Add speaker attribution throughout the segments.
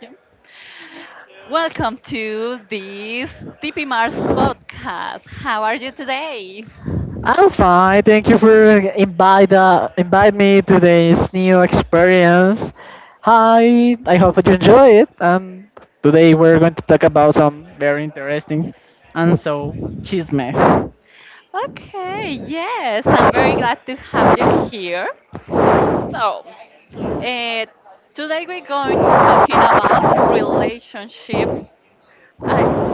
Speaker 1: Yeah. Welcome to this TP Mars podcast. How are you today? Okay, yes, I'm very glad to have you here. So, uh, today we're going to talking about relationships. I,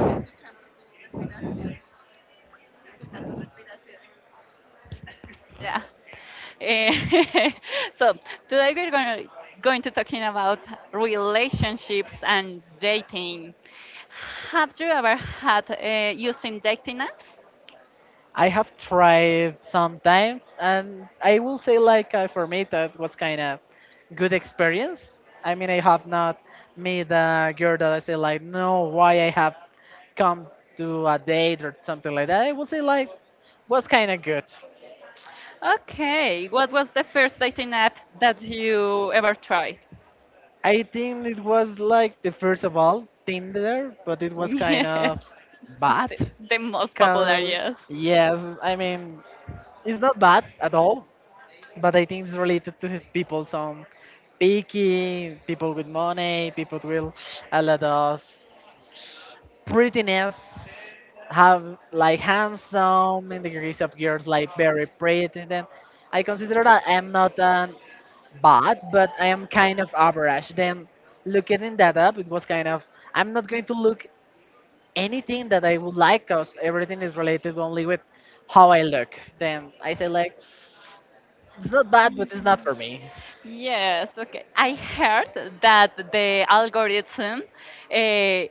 Speaker 1: yeah. Eh, so today we're going to talking about relationships and dating. Have you ever had using dating apps? Okay, what was the first dating app that you ever tried? Yes, the, the most popular, yes. Yes, okay. I heard that the algorithm uh,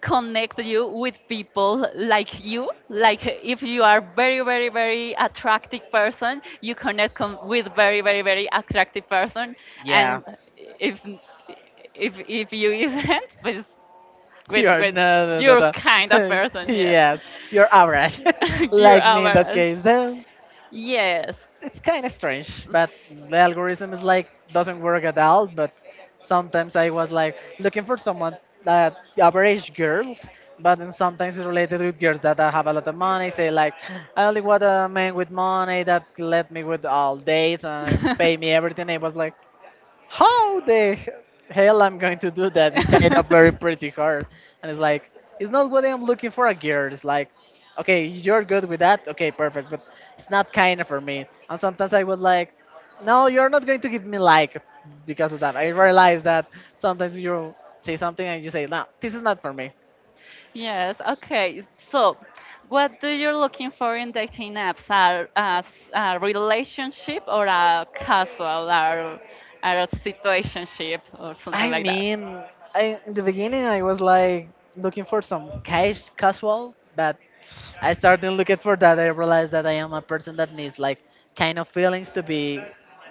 Speaker 1: connect you with people like you. Like if you are very, very, very attractive person, you with very, very, very attractive person, and if if you isn't, but with your kind of person. Yes, your awareness. Yes. Yes, okay. What do you're looking for in dating apps? Are as a relationship or a casual or a situationship or something like that?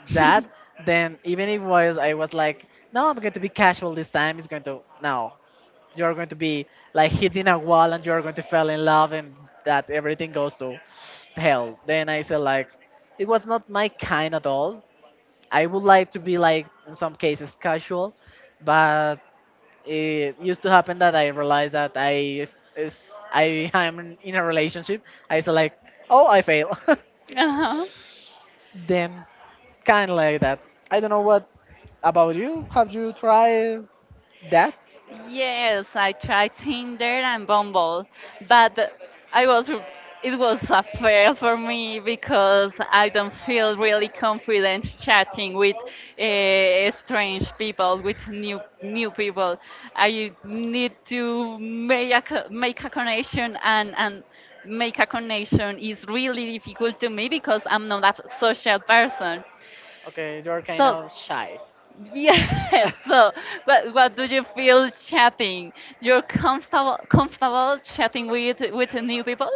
Speaker 1: Uh huh. Yes, I tried Tinder and Bumble, but I was it was a fail for me because I don't feel really confident chatting with strange people, with new people. I need to make a connection and make a connection is really difficult to me because I'm not a social person. So yes. So, what do you feel chatting? You're comfortable chatting with new people?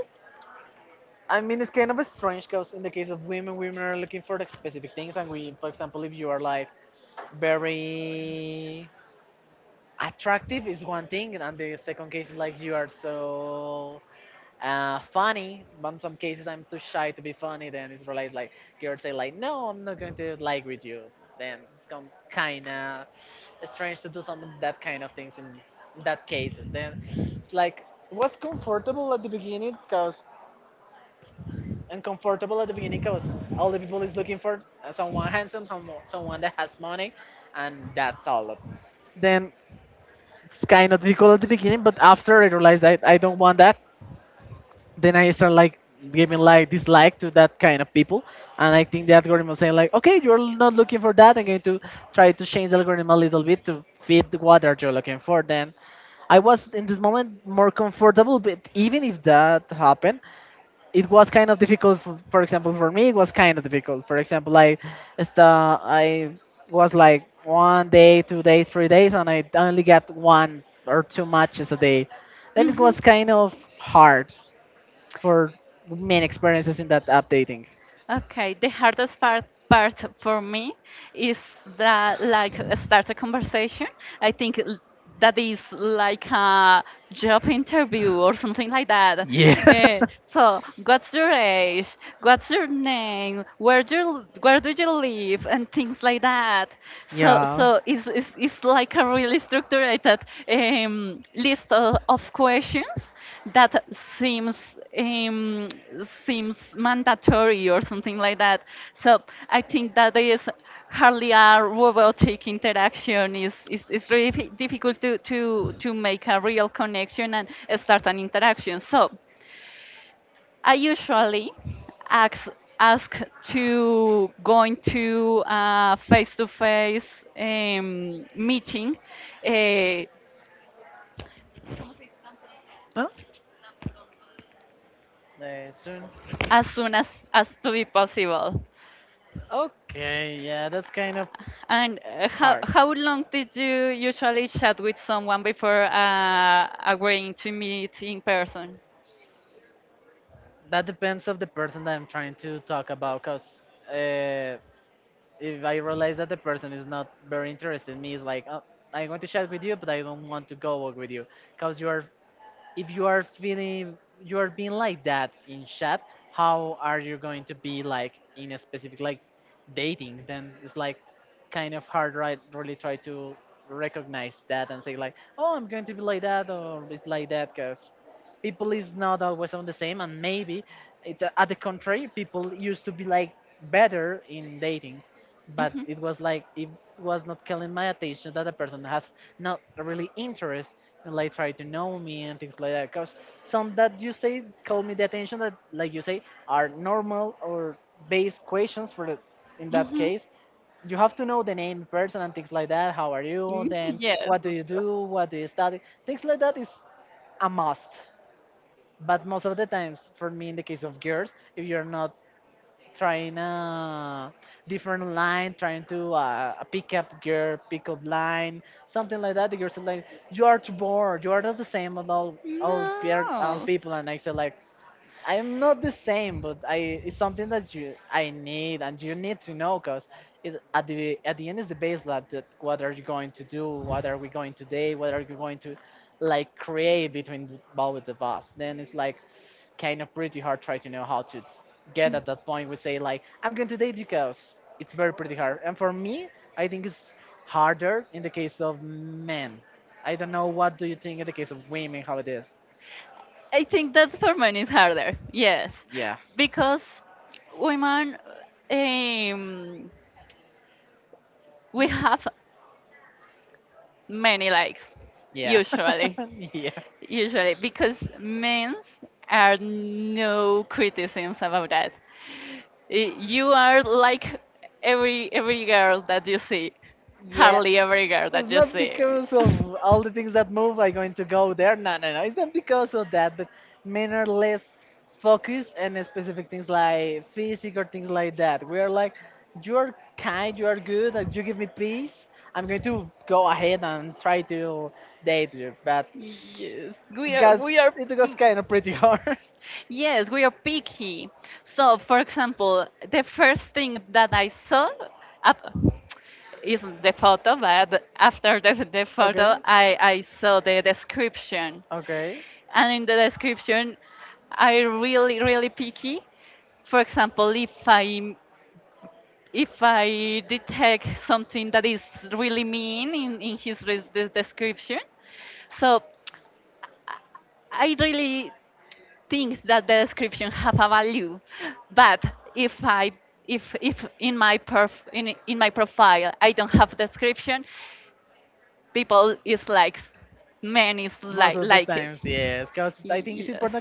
Speaker 1: Mhm. Okay, the hardest part for me is that like start a conversation. I think l- that is like a job interview or something like that. What's your age? What's your name? Where do you live? And things like that. It's like a really structured list of questions that seems seems mandatory or something like that. So I think that is hardly a robotic interaction. Is it's really difficult to make a real connection and start an interaction. So I usually ask ask to going to a face-to-face meeting uh, as soon as to be possible. And how long did you usually chat with someone before agreeing to meet in person? Mhm, mhm. Yes. No. I think that for men is harder. Yes, because women, um, we have many likes usually, usually because men are no criticisms about that. You are like every girl that you see, hardly every girl that you see. Yes, we are. Yes, we are picky. So, for example, the first thing that I saw up isn't the photo, but after the photo, I saw the description. And in the description, I really, really picky. For example, if I detect something that is really mean in his description, so I really thinks that the description have a value but if I if in my in my profile I don't have description people is like many is like it Y- yes.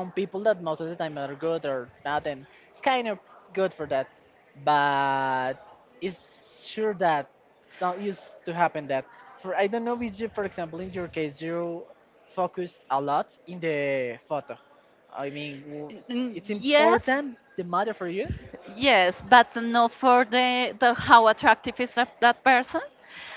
Speaker 1: Mhm. It's kind of good, but it's true that always to have that. The idol industry, for example, they do focus on what. Yes, yes, but not for the how attractive is that person.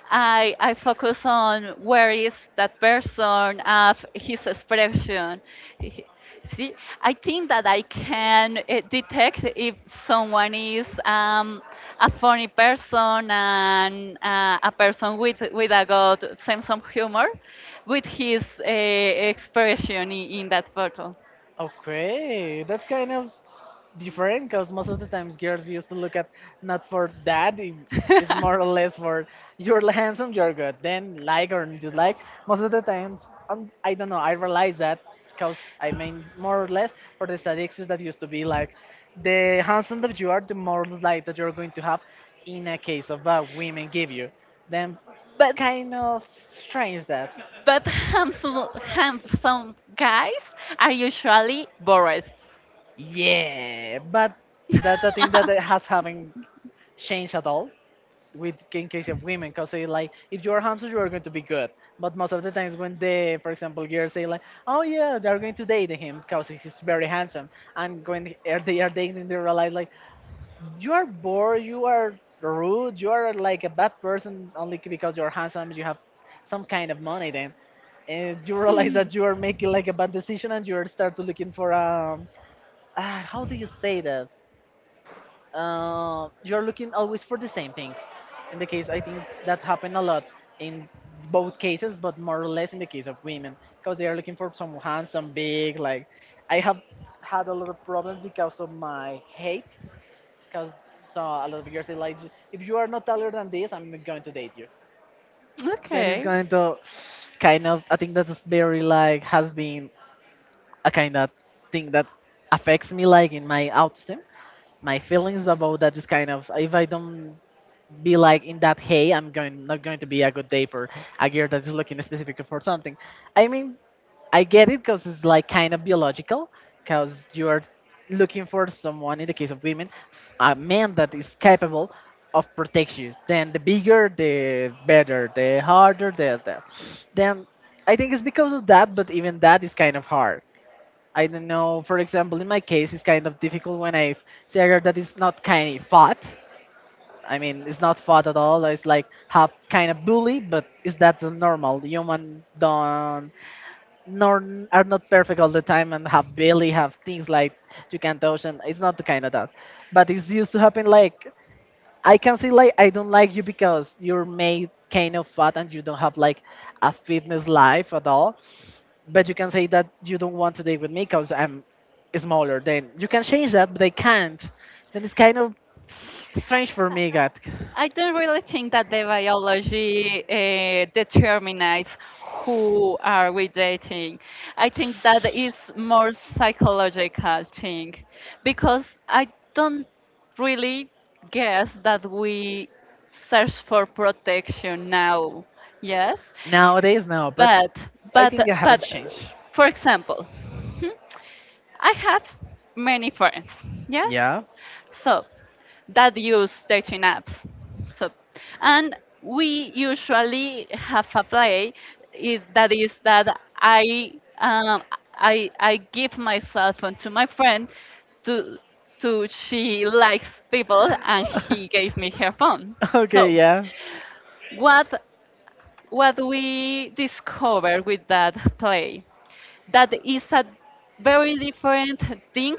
Speaker 1: I focus on where is that person of his expression. He- See, I think that I can detect if someone is a funny person and a person with a good sense of humor, with his expression in that photo. but handsome guys are usually bored. okay. I don't really think that the biology determines who are we dating. I think that is more psychological thing because I don't really guess that we search for protection now. Yes, but but but for example, hmm, I have many friends. Yes, so that use dating apps. So, and we usually have a play that is that I I give my cell phone to my friend to to she likes people and he gave me her phone. So what what we discover with that play? That is a very different thing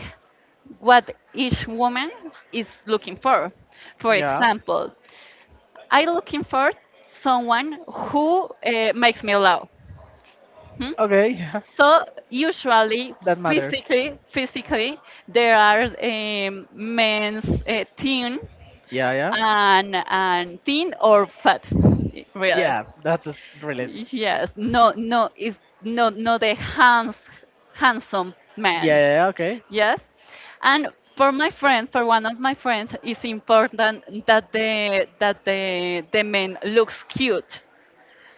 Speaker 1: what each woman is looking for. For example, I looking for someone who makes me laugh. Hmm? So usually, physically, there are men's thin and thin or fat, really. Yes, no, no, it's no, no handsome man. Yes. And for my friend, for one of my friends, it's important that the that the man looks cute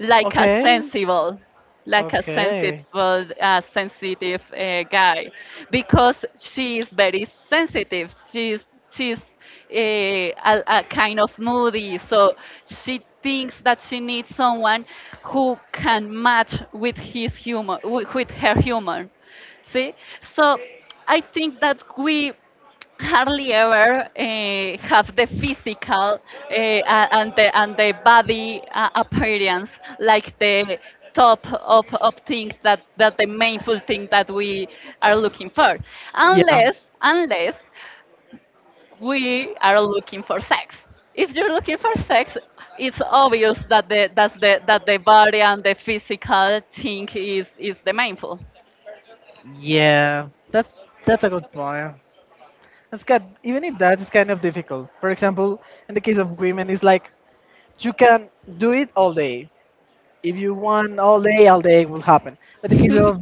Speaker 1: like a sensible like a sensible sensitive guy because she is very sensitive she's a kind of moody so she thinks that she needs someone who can match with his humor with her humor see so I think that we hardly ever have the physical and the body appearance like the top of thing that the mainful thing that we are looking for unless we are looking for sex. If you're looking for sex it's obvious that the that's the that the body and the physical thing is the mainful.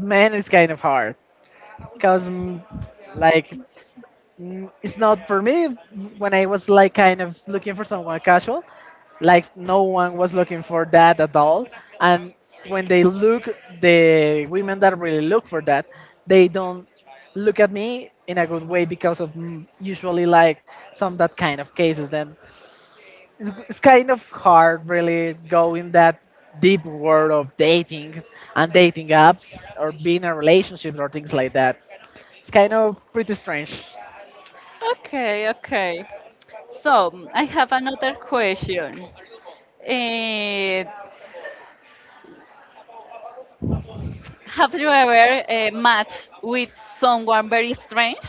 Speaker 1: Okay, okay. So mm, I have another question. Eh, have you ever matched with someone very strange?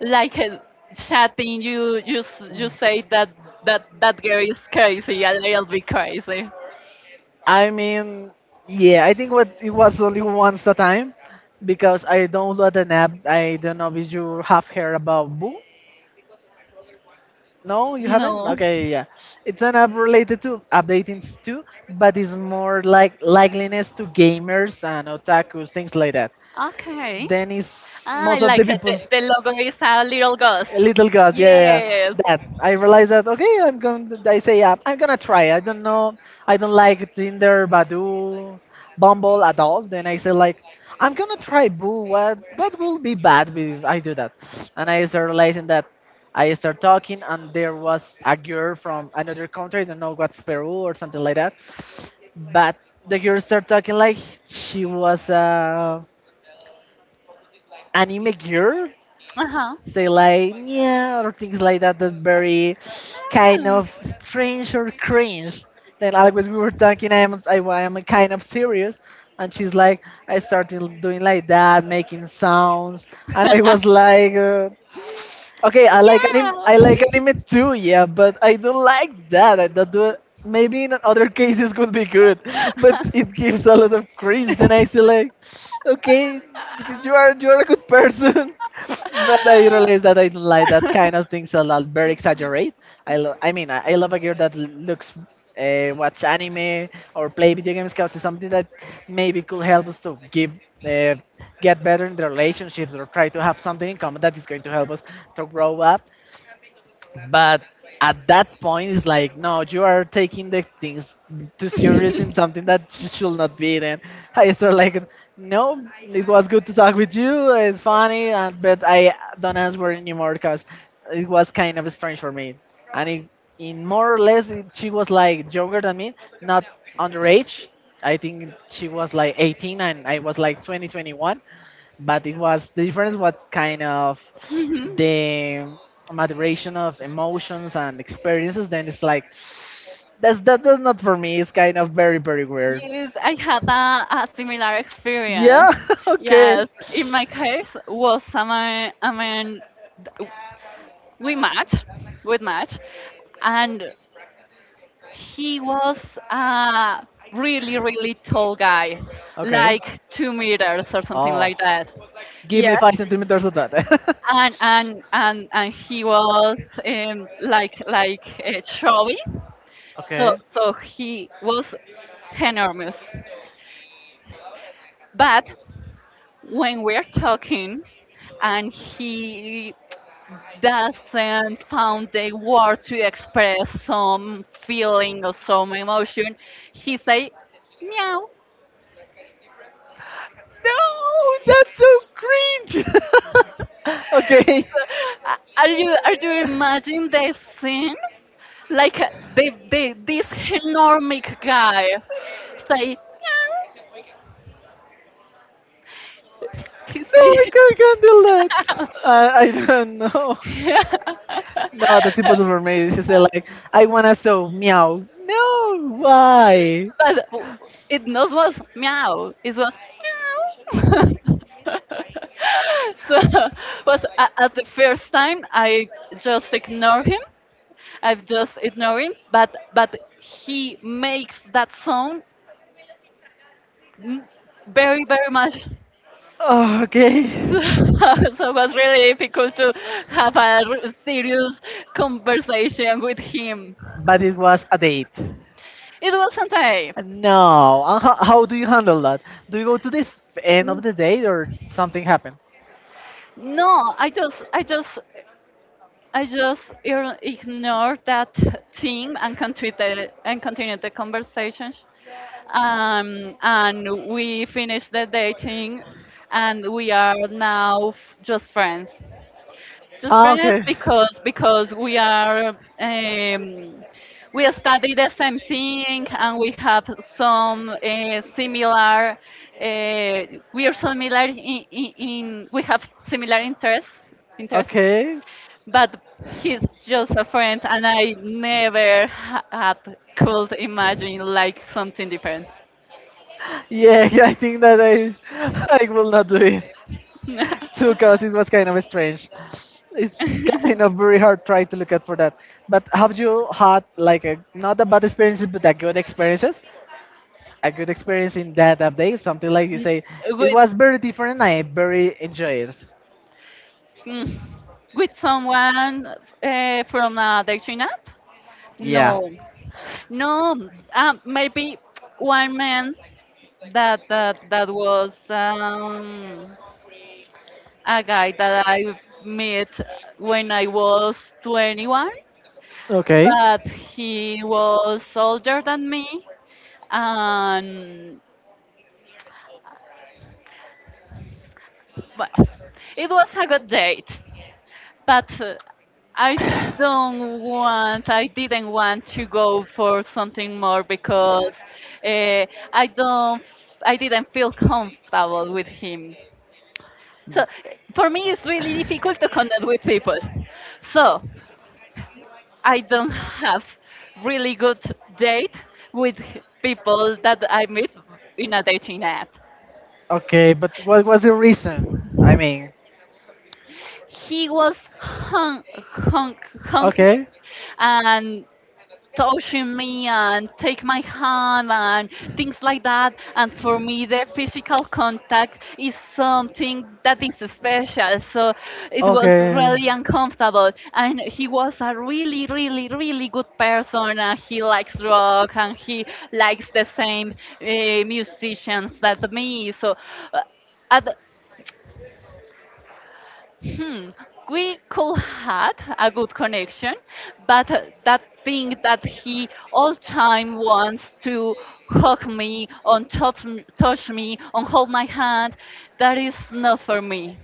Speaker 1: Like chatting, you say that that girl is crazy, a little bit crazy. No. Okay. Ah, I like it. The logo is a little ghost. Yes. Uh huh. Oh. yeah. Mhm. Yes, I had a similar experience. Yes, in my case was someone I mean th- we match, we match, and he was a really tall guy, like 2 meters or something like that. Yeah, and he was chubby, so he was enormous. But when we're talking and he doesn't found the word to express some feeling or some emotion, he say, meow. Are you imagining the scene? Like the this enormous guy say meow. He say But it not was meow. It was meow. so was at the first time I just ignore him. I've just ignore him. But he makes that sound m- very much. So it was really difficult to have a serious conversation with him. It wasn't I. No. I just ignore that thing and continue the conversation. And we finished the dating, and we are now just friends. Just friends because we are we study the same thing and we have some similar uh, we are similar in we have similar interests but he's just a friend, and I never had could imagine like something different. With mm, with someone from a dating app? No, no. Maybe one man that was a guy that I met when I was 21. But he was older than me, and well, it was a good date. But I I didn't want to go for something more because uh, I don't, f- I didn't feel comfortable with him. So for me, it's really difficult to connect with people. So I don't have really good date with people that I meet in a dating app. He was hung, hung me, and touching me and take my hand and things like that. And for me, the physical contact is something that is special. So it was really uncomfortable. And he was a really, really, really good person. And he likes rock and he likes the same uh, musicians that me. So uh, at, Hmm, we could had a good connection, but that thing that he all time wants to hug me, on touch, touch me, on hold my hand, that is not for me.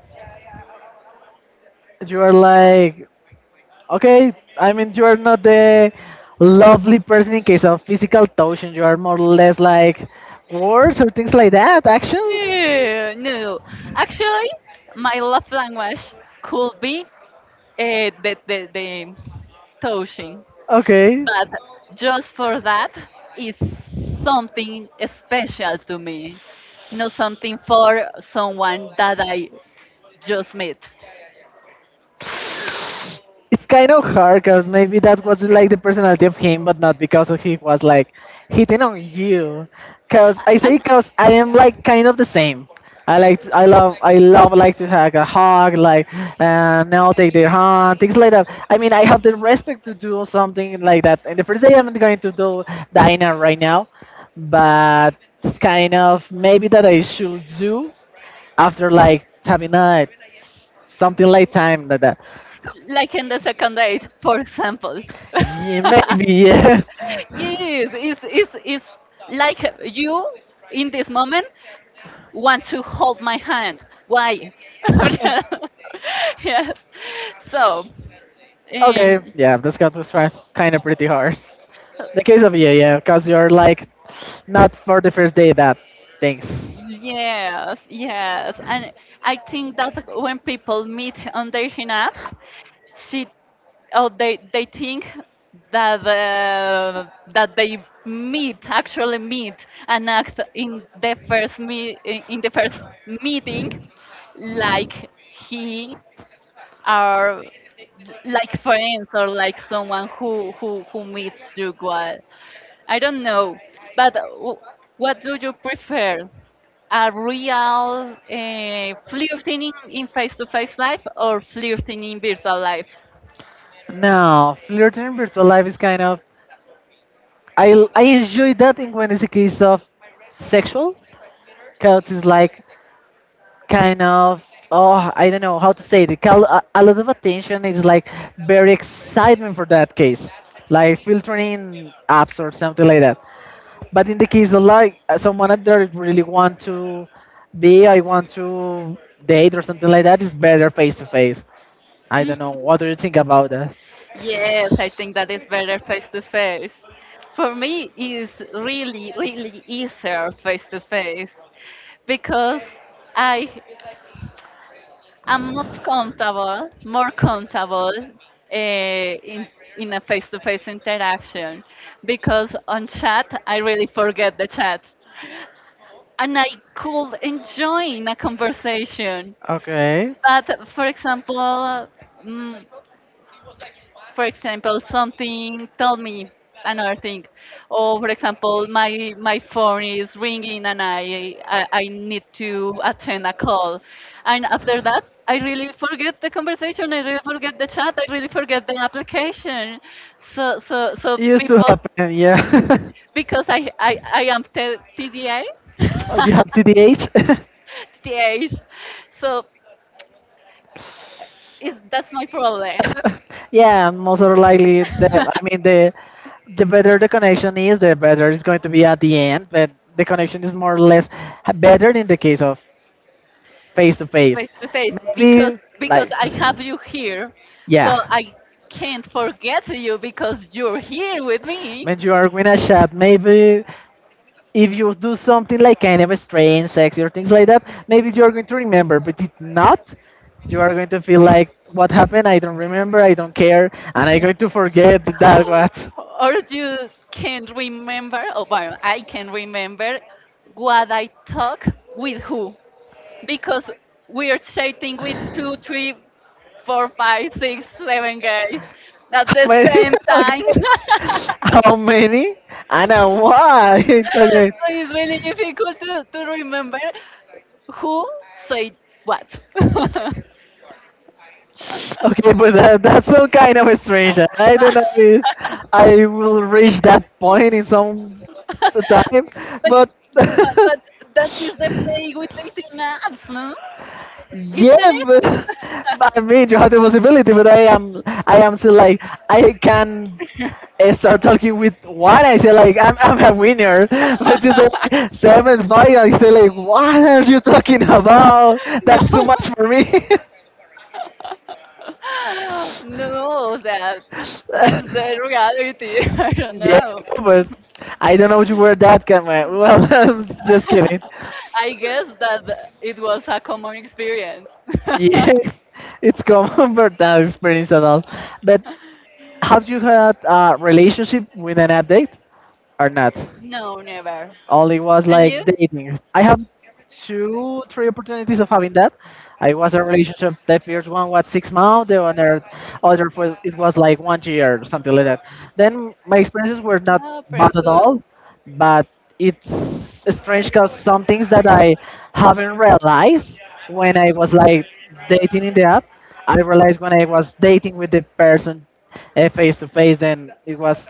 Speaker 1: No, no. Actually, my love language could be the touching. But just for that is something special to me, not something for someone that I just met and like in the second date for example. Yes it's like you in this moment want to hold my hand. Why? yes, so um, yes, yes. And I think that when people meet on dating apps, she or they think that that they meet actually meet and act in the first meeting like he or like friends or like someone who who meets you. I don't know, but what do you prefer? A real flirting in face-to-face life or flirting in virtual life?
Speaker 2: Now, flirting in virtual life is kind of I enjoy that in when it's a case of sexual, because it's like kind of oh I don't know how to say it. A lot of attention is like very excitement for that case, like filtering apps or something like that. But in the case of like someone that I really want to be, I want to date or something like that, it's better face to face. I don't know. What do you think about that?
Speaker 1: Yes, I think that is better face-to-face. For me, it's really, really easier face-to-face because I I'm more comfortable uh, in in a face-to-face interaction because on chat I really forget the chat and I could enjoy in a conversation.
Speaker 2: Okay.
Speaker 1: But for example, mm, for example, something told me another thing, or for example, my phone is ringing and I need to attend a call, and after that. I really forget the conversation. I really forget the chat. I really forget the application. So
Speaker 2: Used to
Speaker 1: people,
Speaker 2: happen, yeah.
Speaker 1: because I am TDA,
Speaker 2: Oh, you have TDH?
Speaker 1: TDA. So, is that's my problem.
Speaker 2: Yeah, most or likely the I mean the better the connection is, the better it's going to be at the end. But the connection is more or less better in the case of face to face.
Speaker 1: Face to face
Speaker 2: Maybe
Speaker 1: because
Speaker 2: like
Speaker 1: I have you here, so
Speaker 2: yeah,
Speaker 1: I can't forget you because you're here with me.
Speaker 2: when you are in a chat, maybe if you do something like kind of strange, sexy, or things like that, maybe you're going to remember. But if not, you are going to feel like, what happened? I don't remember. I don't care. And I'm going to forget that what.
Speaker 1: Or you can't remember, or well, I can remember what I talk with who because we are chatting with two, three, four, five, six, seven guys at
Speaker 2: How
Speaker 1: the
Speaker 2: many?
Speaker 1: same time.
Speaker 2: Okay.
Speaker 1: So
Speaker 2: How many? And why? Okay.
Speaker 1: it's really difficult to remember who said what.
Speaker 2: Okay, but that's some kind of strange. And I don't know if I will reach that point in some time,
Speaker 1: But,
Speaker 2: but
Speaker 1: but, but that is the play with the two naps, no? Isn't
Speaker 2: yeah,
Speaker 1: it?
Speaker 2: but I mean, you have the possibility, but I am still like, I can start talking with what I say, like, I'm a winner, but you say like, seventh final, I say like, what are you talking about?
Speaker 1: No.
Speaker 2: That's too much for me.
Speaker 1: No, that's the reality. I don't
Speaker 2: yeah, I
Speaker 1: know.
Speaker 2: know, but I don't know where that came. Man. Well, I'm just kidding.
Speaker 1: I guess that it was a common experience.
Speaker 2: Yeah, it's common for that experience at all. But have you had a relationship with an update or not?
Speaker 1: No, never.
Speaker 2: Only was
Speaker 1: And
Speaker 2: like
Speaker 1: you?
Speaker 2: dating. I have two, three opportunities of having that. I was in a relationship. The first one was 6 months. The other was, it was like one year or something like that. Then my experiences were not
Speaker 1: Oh,
Speaker 2: bad
Speaker 1: pretty
Speaker 2: at
Speaker 1: cool.
Speaker 2: all, but it's strange because some things that I haven't realized when I was like dating in the app, I realized when I was dating with the person, face to face, then it was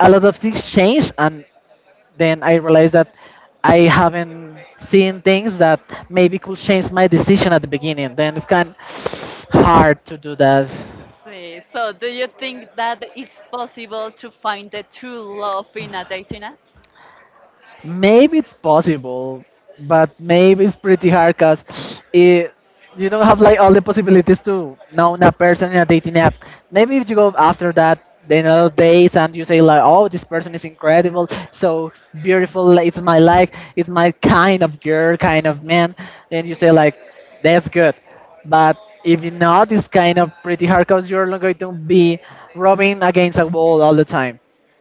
Speaker 2: a lot of things changed and then I realized that I haven't seen things that maybe could change my decision at the beginning. Then it's kind of hard to do that.
Speaker 1: See, so do you think that it's possible to find the true love in a dating app?
Speaker 2: Maybe it's possible, but maybe it's pretty hard because it you don't have like all the possibilities to know a person in a dating app. Maybe if you go after that then another days and you say like, oh, this person is incredible, so beautiful, like, it's my life, it's my kind of girl, kind of man. Then you say like, that's good, but if you're not, it's kind of pretty hard because you're not going to be rubbing against a wall all the time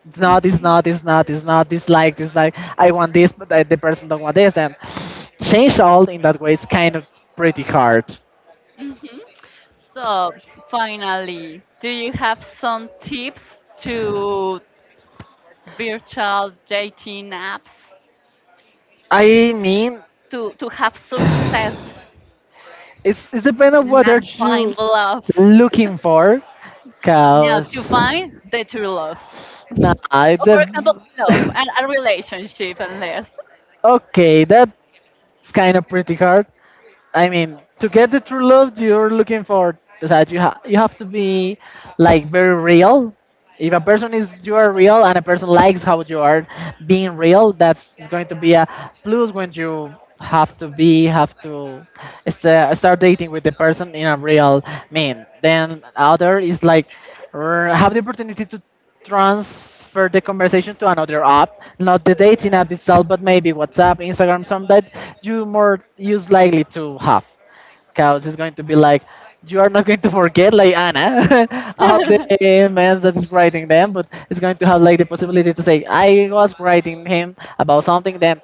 Speaker 2: it's not, it's
Speaker 1: Hmm.
Speaker 2: not, it's not, it's not, this like, I want this, but the person don't want this, and change all in that way is kind of pretty hard.
Speaker 1: Hmm. So finally, do you have some tips to virtual dating apps
Speaker 2: I mean,
Speaker 1: to have success
Speaker 2: it's it depends on what are
Speaker 1: and
Speaker 2: you
Speaker 1: find love.
Speaker 2: looking for,
Speaker 1: No,
Speaker 2: cause
Speaker 1: to find the true love.
Speaker 2: nah,
Speaker 1: Or
Speaker 2: the
Speaker 1: for example, love and a relationship and this.
Speaker 2: okay, that's kind of pretty hard. I mean, to get the true love you're looking for, that you you have to be like very real. If a person is you are real and a person likes how you are being real, that's is going to be a plus when you have to be have to start dating with the person in a real man. Then other is like have the opportunity to transfer the conversation to another app, not the dating app itself, but maybe WhatsApp, Instagram, some that you more use likely to have. Because it's going to be like, you are not going to forget like Anna, all the emails that is writing them, but it's going to have like the possibility to say, I was writing him about something then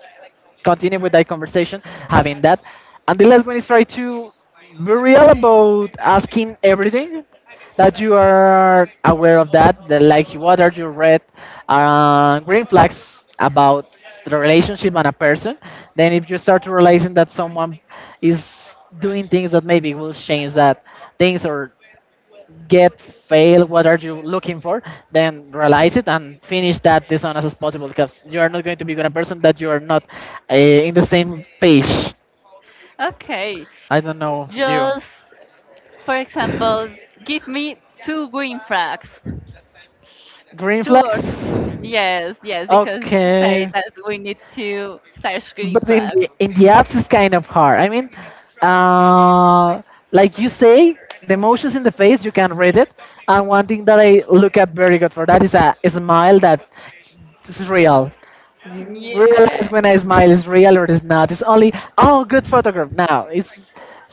Speaker 2: continue with that conversation, having that. And the last one is try to be real about asking everything that you are aware of that, that like what are your red green flags about the relationship and a person. Then if you start to realizing that someone is doing things that maybe will change that things or get fail what are you looking for then realize it and finish that as soon as possible because you are not going to be with a person that you are not in the same page.
Speaker 1: Okay,
Speaker 2: I don't know you.
Speaker 1: just for example, give me two green flags.
Speaker 2: Green flags.
Speaker 1: Towards, yes, yes, because you say
Speaker 2: Okay,
Speaker 1: that we need to search green
Speaker 2: but
Speaker 1: flag.
Speaker 2: in the apps it's kind of hard I mean uh like you say the emotions in the face you can read it and one thing that I look at very good for that is a smile that this is real. You realize
Speaker 1: Yeah.
Speaker 2: when a smile is real or it is not. It's only, oh, good photograph. Now, it's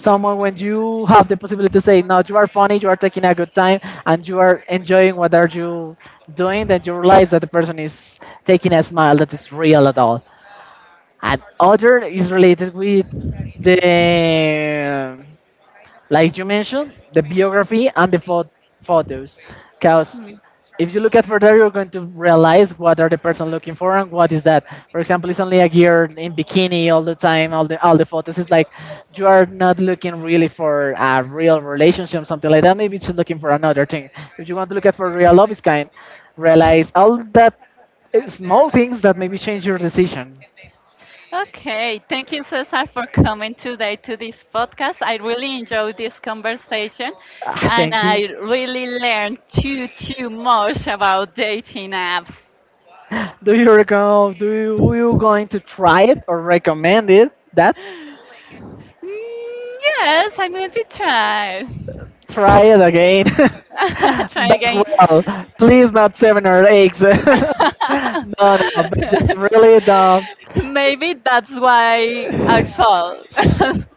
Speaker 2: someone when you have the possibility to say, no, you are funny, you are taking a good time, and you are enjoying what are you doing, then you realize that the person is taking a smile that is real at all. And other is related with the like you mentioned, the biography and the photos. Because
Speaker 1: Hmm.
Speaker 2: if you look at further, you're going to realize what are the person looking for and what is that. For example, it's only a girl in bikini all the time. All the photos is like you are not looking really for a real relationship, something like that. Maybe she's looking for another thing. If you want to look at for real love, is kind. Realize all that small things that maybe change your decision.
Speaker 1: Okay, thank you, Cesar, for coming today to this podcast. I really enjoyed this conversation
Speaker 2: Ah,
Speaker 1: and
Speaker 2: thank you.
Speaker 1: I really learned too much about dating apps.
Speaker 2: Do you recall, do you going to try it or recommend it? That
Speaker 1: Mm, yes, I'm going to try.
Speaker 2: try it again.
Speaker 1: Try
Speaker 2: But
Speaker 1: again.
Speaker 2: well, please not 7 or 8. No, no, but just really the
Speaker 1: Maybe that's why I fall.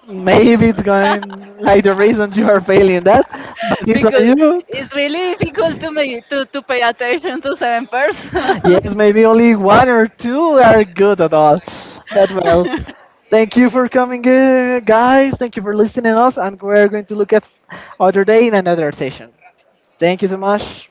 Speaker 2: maybe it's going like the reason you are failing that, but it's on
Speaker 1: Because
Speaker 2: you.
Speaker 1: it's really difficult to me to pay attention to seven persons.
Speaker 2: Yes, maybe only one or two are good at all. But well, thank you for coming, guys. Thank you for listening to us, and we're going to look at other day in another session. Thank you so much.